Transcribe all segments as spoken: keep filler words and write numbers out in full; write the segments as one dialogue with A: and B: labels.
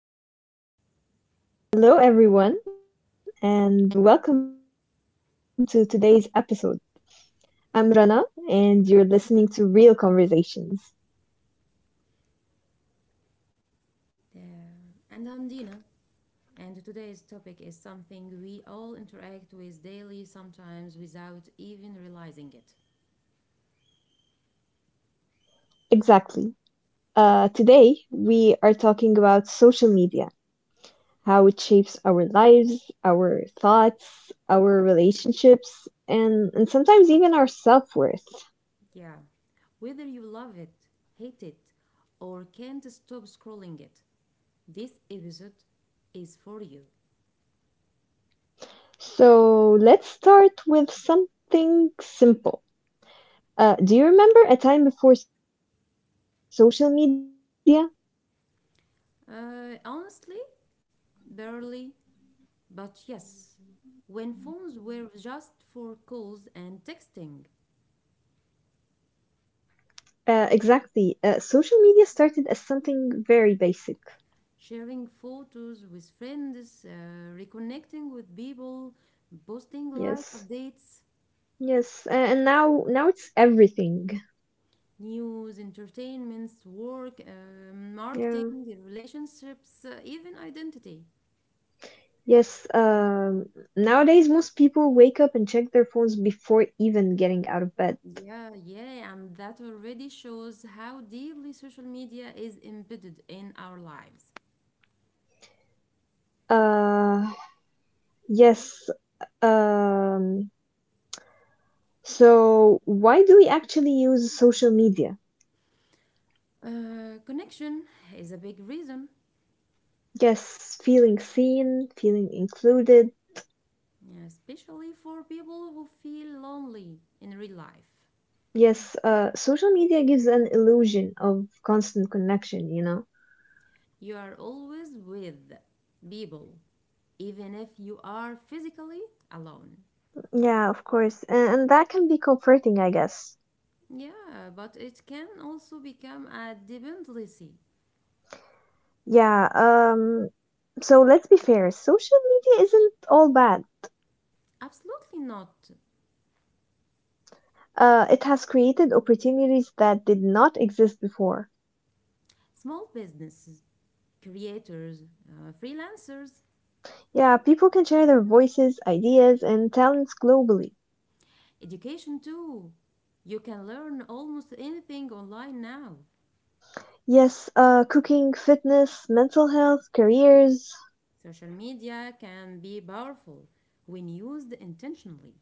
A: Hello, everyone, and welcome to today's episode. I'm Rana, and you're listening to Real Conversations.
B: There. And I'm Dina, and today's topic is something we all interact with daily, sometimes without even realizing it.
A: Exactly. Uh, today, we are talking about social media, how it shapes our lives, our thoughts, our relationships, and, and sometimes even our self worth.
B: Yeah. Whether you love it, hate it, or can't stop scrolling it, this episode is for you.
A: So, let's start with something simple. Uh, do you remember a time before social media?
B: Uh, honestly, barely, but yes. When phones were just for calls and texting,
A: Uh, exactly. Uh, social media started as something very basic.
B: sharing photos with friends, uh, reconnecting with people, posting
A: Yes.
B: life updates,
A: Yes. a- And now now it's everything.
B: news, entertainments, work, um,
A: Yeah.
B: marketing, relationships, uh, even identity.
A: Yes. Um nowadays, most people wake up and check their phones before even getting out of bed.
B: Yeah, yeah, and that already shows how deeply social media is embedded in our lives.
A: Uh yes. Um so why do we actually use social media?
B: Uh, connection is a big reason,
A: Yes, feeling seen, feeling included.
B: yeah, especially for people who feel lonely in real life.
A: Yes, uh social media gives an illusion of constant connection, you know.
B: You are always with people, even if you are physically alone.
A: Yeah, of course. And, and that can be comforting, I guess.
B: Yeah, but it can also become a dependency.
A: Yeah, um, so let's be fair, social media isn't all bad.
B: Absolutely not.
A: Uh, it has created opportunities that did not exist before.
B: Small businesses, creators, uh, freelancers,
A: Yeah, people can share their voices, ideas, and talents globally.
B: education too. You can learn almost anything online now.
A: Yes, uh, cooking, fitness, mental health, careers.
B: Social media can be powerful when used intentionally.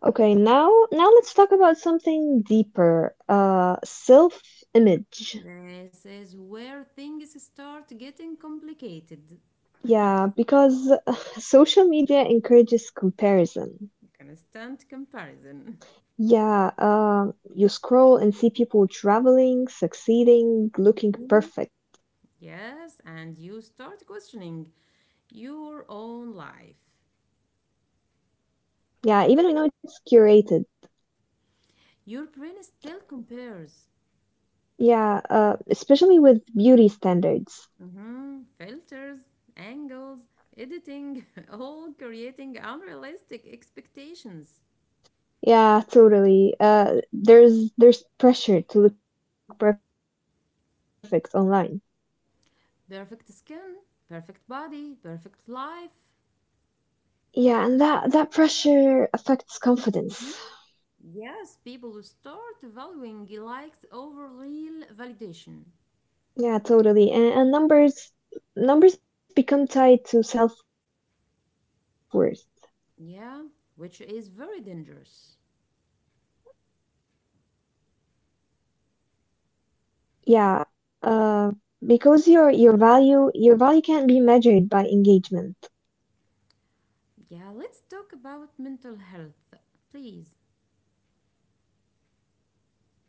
A: Okay, now now let's talk about something deeper. Uh, self-image.
B: This is where things start getting complicated.
A: Yeah, because social media encourages comparison.
B: Constant comparison.
A: Yeah, um, you scroll and see people traveling, succeeding, looking perfect.
B: Yes, and you start questioning your own life.
A: Yeah, even we know it's curated.
B: Your brain still compares.
A: Yeah, uh, especially with beauty standards.
B: Mhm, filters, angles, editing, all creating unrealistic expectations.
A: Yeah, totally. Uh, there's there's pressure to look perfect online.
B: Perfect skin, perfect body, perfect life.
A: Yeah, and that that pressure affects confidence.
B: Mhm. Yes, people will start valuing likes over real validation.
A: Yeah, totally. And, and numbers numbers become tied to self-worth.
B: Yeah, which is very dangerous.
A: Yeah, uh, because your your value your value can't be measured by engagement.
B: Yeah, let's talk about mental health, please.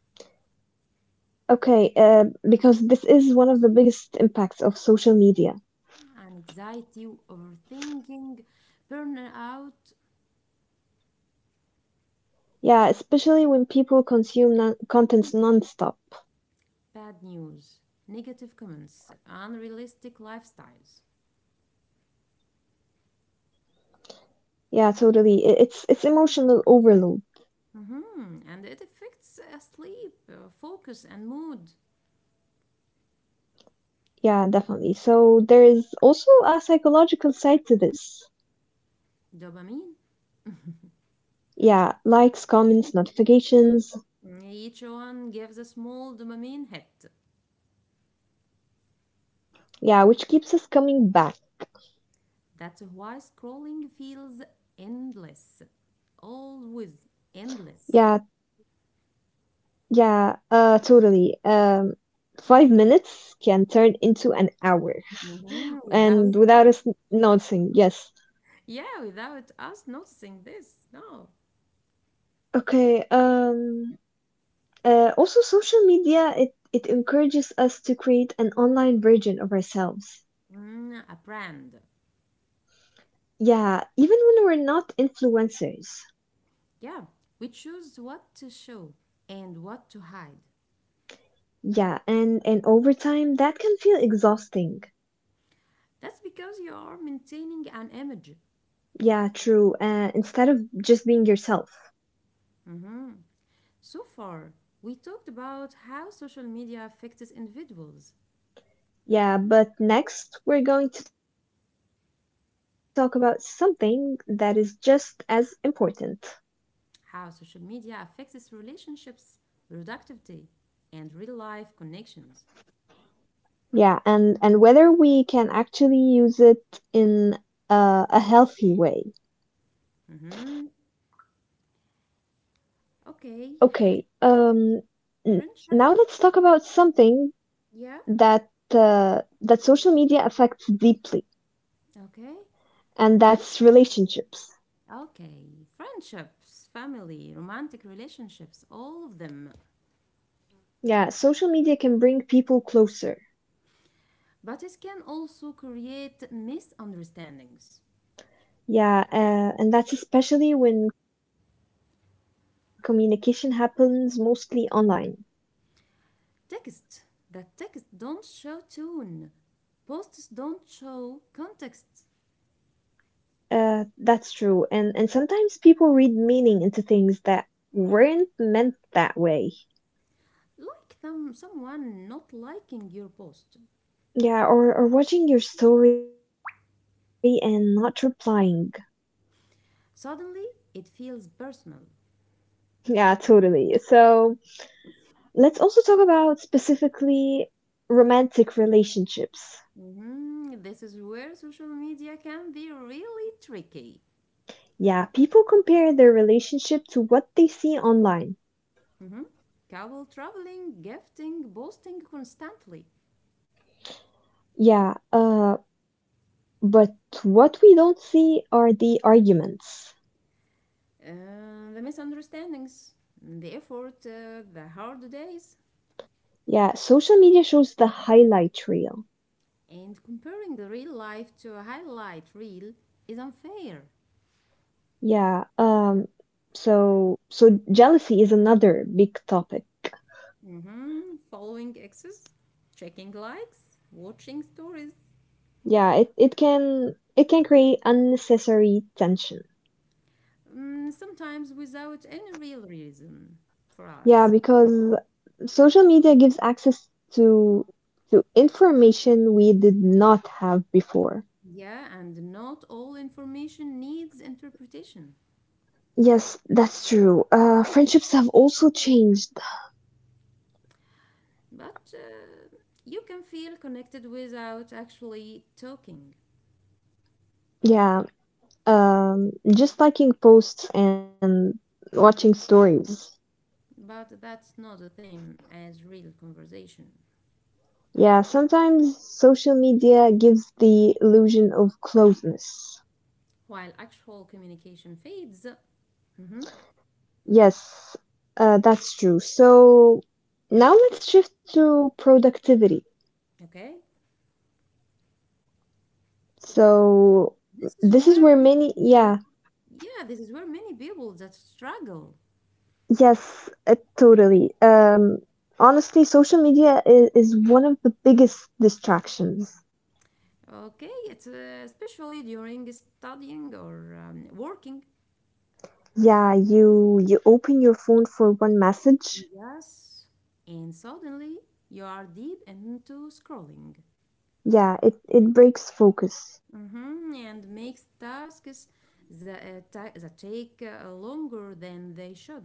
A: Okay, uh, because this is one of the biggest impacts of social media.
B: And anxiety, overthinking, burnout,
A: Yeah, especially when people consume non contents nonstop.
B: bad news, negative comments, unrealistic lifestyles.
A: Yeah, totally. I- It's it's emotional overload.
B: Hmm. And it affects uh, sleep, uh, focus, and mood.
A: Yeah, definitely. So there is also a psychological side to this.
B: Dopamine.
A: Yeah, likes, comments, notifications.
B: Each one gives a small dopamine hit.
A: Yeah, which keeps us coming back.
B: That's why scrolling feels endless. Always
A: Yeah,
B: endless.
A: yeah, uh, totally. Um, five minutes can turn into an hour,
B: Mhm. Without,
A: and without us noticing, yes.
B: yeah, without us noticing this, no.
A: Okay. Um. Uh, also, social media it it encourages us to create an online version of ourselves.
B: Mm, a brand.
A: Yeah, even when we're not influencers.
B: Yeah, we choose what to show and what to hide.
A: Yeah, and and over time that can feel exhausting.
B: That's because you are maintaining an image.
A: Yeah, true. Uh, instead of just being yourself.
B: Mhm. So far, we talked about how social media affects individuals,
A: Yeah, but next we're going to talk about something that is just as important.
B: how social media affects relationships, productivity, and real life connections.
A: Yeah, and and whether we can actually use it in a, a healthy way.
B: Mhm.
A: Okay, um,
B: Okay,
A: n- now let's talk about
B: friendship.
A: something that
B: Yeah,
A: uh, that social media affects deeply,
B: okay.
A: and
B: Life.
A: that's relationships.
B: Okay, friendships, family, romantic relationships, all of them.
A: Yeah, social media can bring people closer.
B: But it can also create misunderstandings.
A: Yeah, uh, and that's especially when communication happens mostly online.
B: Texts that text don't show tone. Posts don't show context.
A: Uh, that's true. And and sometimes people read meaning into things that weren't meant that way.
B: Like them, someone not liking your post.
A: Yeah, or, or watching your story and not replying.
B: Suddenly, it feels personal.
A: Yeah, totally. So let's also talk about specifically romantic relationships.
B: Mhm, this is where social media can be really tricky.
A: Yeah, people compare their relationship to what they see online.
B: Mhm. Couple traveling, gifting, boasting constantly.
A: Yeah, uh, but what we don't see are the arguments.
B: Uh, the misunderstandings, the effort, uh, the hard days.
A: Yeah, social media shows the highlight reel.
B: And comparing the real life to a highlight reel is unfair.
A: Yeah. Um, so so jealousy is another big topic.
B: Hmm. Following exes, checking likes, watching stories,
A: Yeah, it, it can it can create unnecessary tension.
B: mm, sometimes without any real reason for
A: Yeah,
B: us.
A: because social media gives access to to information we did not have before.
B: Yeah, and not all information needs interpretation,
A: Yes, that's true. Uh, friendships have also changed.
B: but uh, you can feel connected without actually talking.
A: Yeah, um, just liking posts and watching stories.
B: But that's not the same as real conversation.
A: Yeah, sometimes social media gives the illusion of closeness.
B: While actual communication fades, hmm,
A: Yes, uh, that's true. So now let's shift to productivity.
B: okay.
A: So
B: This is
A: this is
B: where
A: where
B: many
A: many,
B: people,
A: yeah.
B: yeah, this is where many people that struggle.
A: Yes, uh, totally. Um, honestly, social media is, is one of the biggest distractions.
B: Okay, it's uh, especially during studying or um, working.
A: Yeah, you you open your phone for one message.
B: Yes, and suddenly you are deep into scrolling,
A: Yeah, it, it breaks focus.
B: hmm, and makes tasks that, uh, ta- that take uh, longer than they should.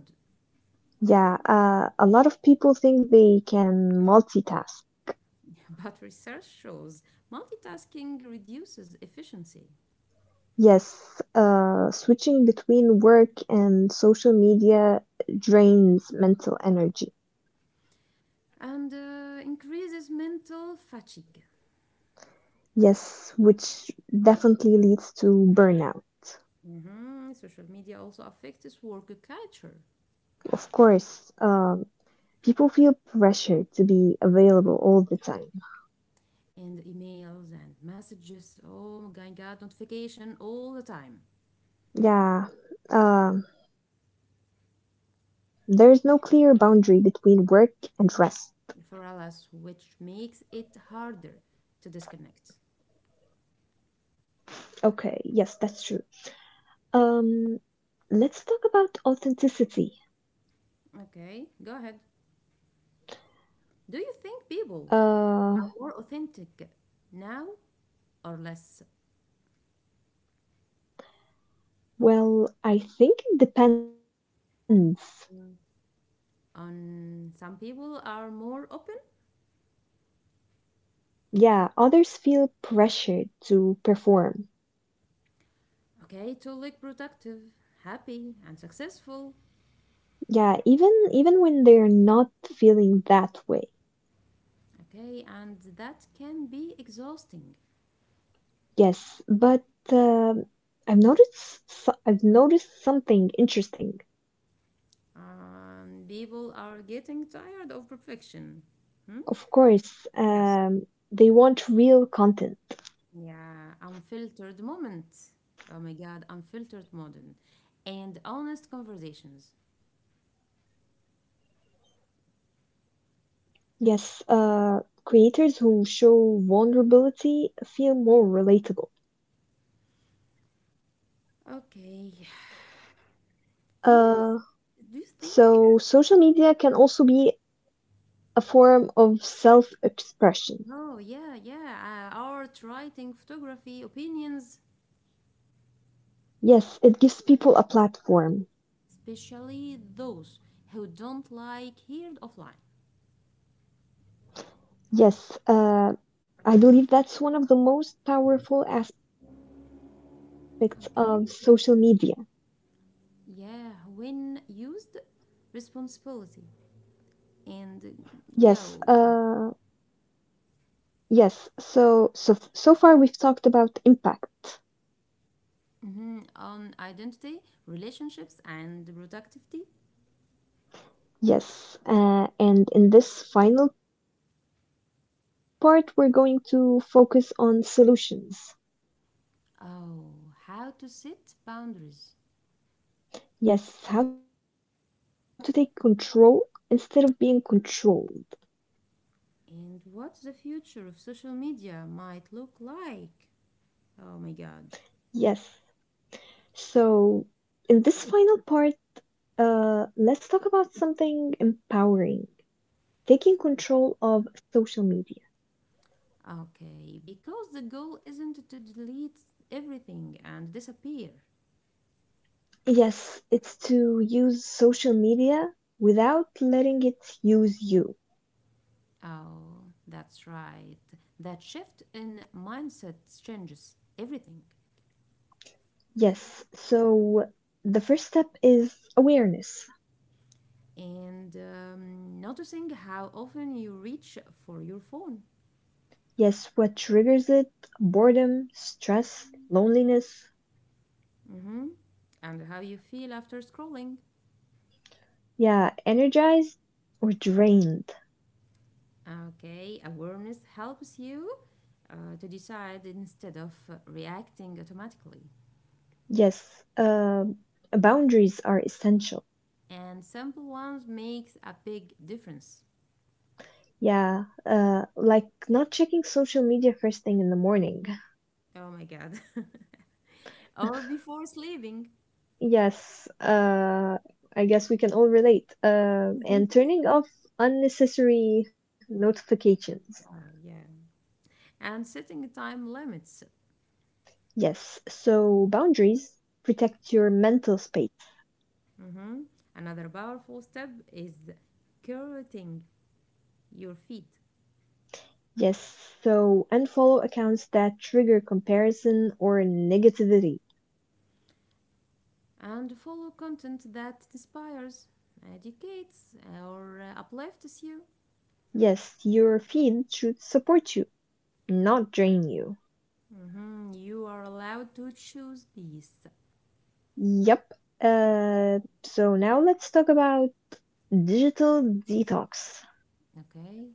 A: Yeah, uh, a lot of people think they can multitask.
B: But research shows multitasking reduces efficiency
A: Yes, uh, switching between work and social media drains mental energy.
B: and uh, increases mental fatigue.
A: Yes, which definitely leads to burnout.
B: Mhm. Social media also affects work culture
A: Of course, um, people feel pressure to be available all the time.
B: and emails and messages. Oh my god, notification all the time
A: Yeah, um, there's no clear boundary between work and rest.
B: for us, which makes it harder to disconnect.
A: Okay, yes, that's true. Um, let's talk about authenticity.
B: Okay, go ahead. Do you think
A: Uh,
B: people are more authentic now or less?
A: well, I think it depends.
B: On some people are more open,
A: Yeah, others feel pressured to perform.
B: okay, to look productive, happy, and successful,
A: Yeah, even even when they're not feeling that way.
B: okay, and that can be exhausting.
A: Yes, but um I've noticed so- I've noticed something interesting.
B: Um, people are getting tired of perfection. Hmm?
A: Of course,
B: Yes.
A: um, they want real content.
B: Yeah, unfiltered moment. Oh my god, unfiltered modern and honest conversations.
A: Yes, uh, creators who show vulnerability feel more relatable.
B: Okay.
A: Uh,
B: Do you
A: so social
B: do you
A: media
B: think
A: can
B: uh,
A: also be a form of self-expression.
B: oh, yeah, yeah. Uh, art, writing, photography, opinions,
A: Yes, it gives people a platform.
B: especially those who don't like heard offline.
A: Yes, uh, I believe that's one of the most powerful aspects of social media.
B: Okay. Yeah, when used responsibility and
A: Yes,
B: go.
A: uh, yes. So, so f- so far, we've talked about impact.
B: Mhm, on identity, relationships, and productivity.
A: Yes, uh, and in this final part, we're going to focus on solutions.
B: Oh, how to set boundaries
A: Yes, how to take control instead of being controlled.
B: and what the future of social media might look like. Oh my god.
A: Yes. So, in this final part, Uh, let's talk about something empowering, taking control of social media.
B: Okay, because the goal isn't to delete everything and disappear.
A: Yes, it's to use social media without letting it use you.
B: Oh, that's right. That shift in mindset changes everything.
A: Yes, so the first step is awareness.
B: And um, noticing how often you reach for your phone.
A: Yes, what triggers it? Boredom, stress, loneliness.
B: Mm-hmm. And how you feel after scrolling.
A: Yeah, energized or drained.
B: Okay, awareness helps you uh, to decide instead of uh, reacting automatically.
A: Yes, uh, boundaries are essential.
B: And simple ones makes a big difference.
A: Yeah, uh, like not checking social media first thing in the morning.
B: Oh my god. Or before sleeping.
A: Yes, uh, I guess we can all relate. Uh, and turning off unnecessary notifications.
B: Oh, yeah. And setting time limits.
A: Yes, so boundaries protect your mental space.
B: Hmm. Another powerful step is curating your feed
A: Yes, so unfollow accounts that trigger comparison or negativity.
B: and follow content that inspires, educates, or uh, uplifts you.
A: Yes, your feed should support you, not drain you.
B: Mhm, you are allowed to choose peace,
A: Yep. Uh, so now let's talk about digital detox.
B: okay?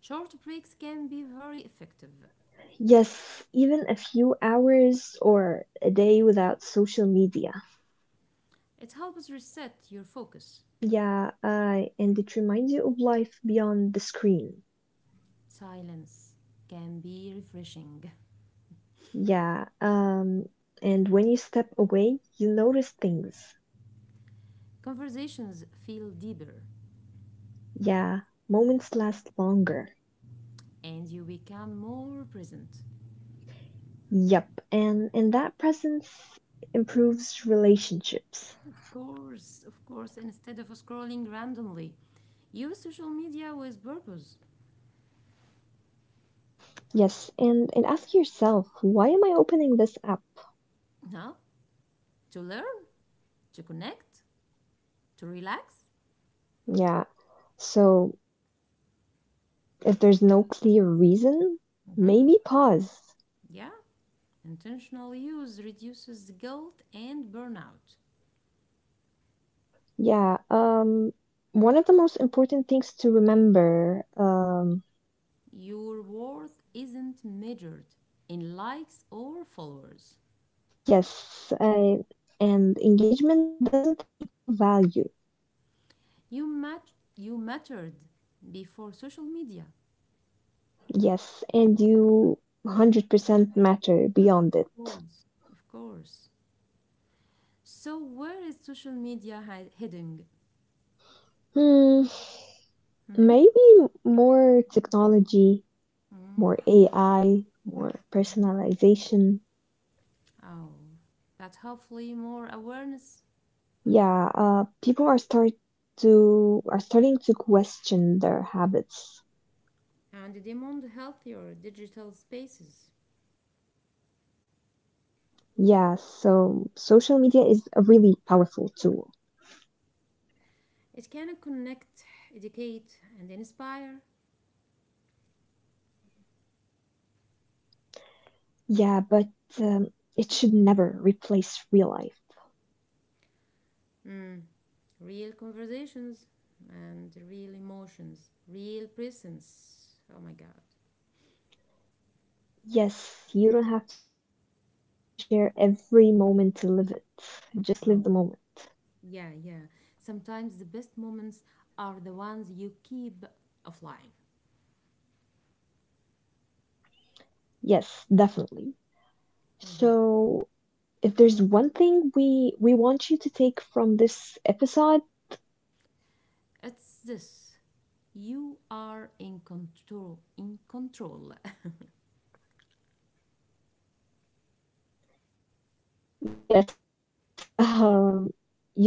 B: Short breaks can be very effective.
A: Yes, even a few hours or a day without social media.
B: It helps reset your focus.
A: Yeah, uh, and it reminds you of life beyond the screen.
B: Silence can be refreshing.
A: Yeah, um, and when you step away, you notice things.
B: Conversations feel deeper
A: Yeah, moments last longer.
B: and you become more present.
A: Yep, and and that presence improves relationships.
B: Of course, of course, instead of scrolling randomly, use social media with purpose.
A: Yes, and and ask yourself, why am I opening this app?
B: Now, to learn, to connect, to relax.
A: Yeah, so if there's no clear reason, maybe pause.
B: Mhm, yeah. Intentional use reduces guilt and burnout.
A: Yeah, um, one of the most important things to remember, um,
B: Your worth isn't measured in likes or followers.
A: yes, I, and engagement doesn't equal value.
B: You mat- you mattered before social media.
A: Yes, and you one hundred percent matter beyond it.
B: Of course. Of course. So where is social media hi- heading?
A: Hmm,
B: Hmm.
A: maybe more technology, more A I, more
B: Mhm.
A: personalization.
B: Oh, but hopefully more awareness
A: Yeah, uh, people are start to are starting to question their habits.
B: and demand healthier digital spaces.
A: Yeah, so social media is a really powerful tool.
B: It can connect, educate, and inspire.
A: Yeah, but um, it should never replace real life.
B: Mm. Real conversations and real emotions, real presence. Oh my God.
A: Yes, you don't have to share every moment to live it. Just live the moment.
B: Oh, yeah, yeah. Sometimes the best moments are the ones you keep offline.
A: Yes, definitely. So,
B: Mhm.
A: if there's one thing we we want you to take from this episode,
B: It's this. You are in control, in control.
A: yes, um, you choose how social media fits into your life.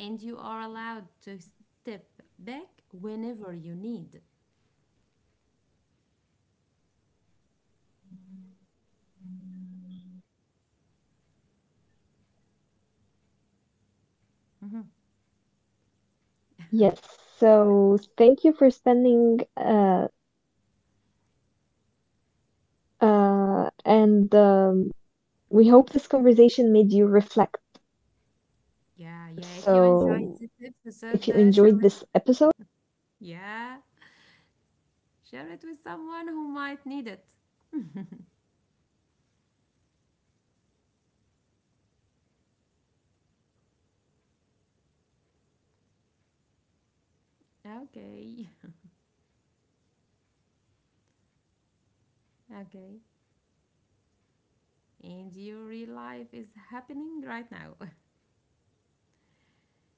B: And you are allowed to step back whenever you need.
A: Yes, so thank you for spending uh, this time with us. Uh, and um, we hope this conversation made you reflect. So if you enjoyed this episode, share it with
B: Yeah, yeah. If
A: someone
B: you
A: who
B: enjoyed
A: might
B: this
A: need it.
B: episode, uh, share it. Yeah,
A: Yes, yes,
B: share it
A: sharing
B: with
A: is
B: someone
A: caring.
B: who might need it.
A: Uh, so also remember that um, your real life is happening right now,
B: Okay,
A: so don't miss it while scrolling. Uh,
B: okay. And your real life is happening right now.
A: so that's my advice for you.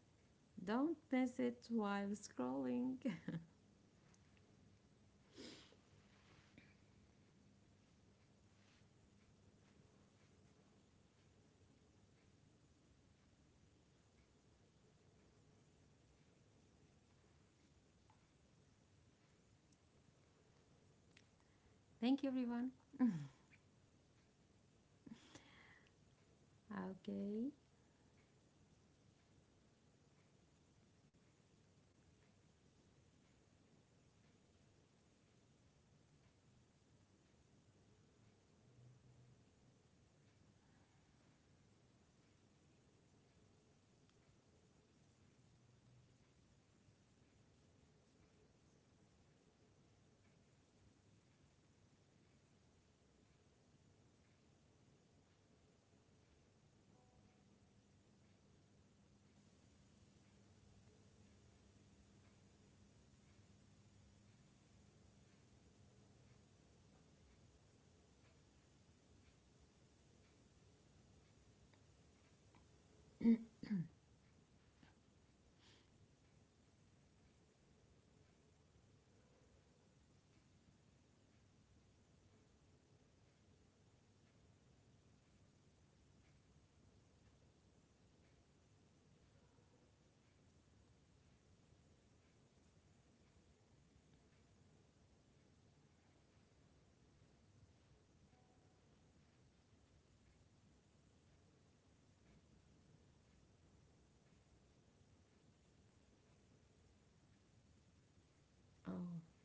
B: Don't miss it while scrolling. Thank you, everyone. Okay. Oh.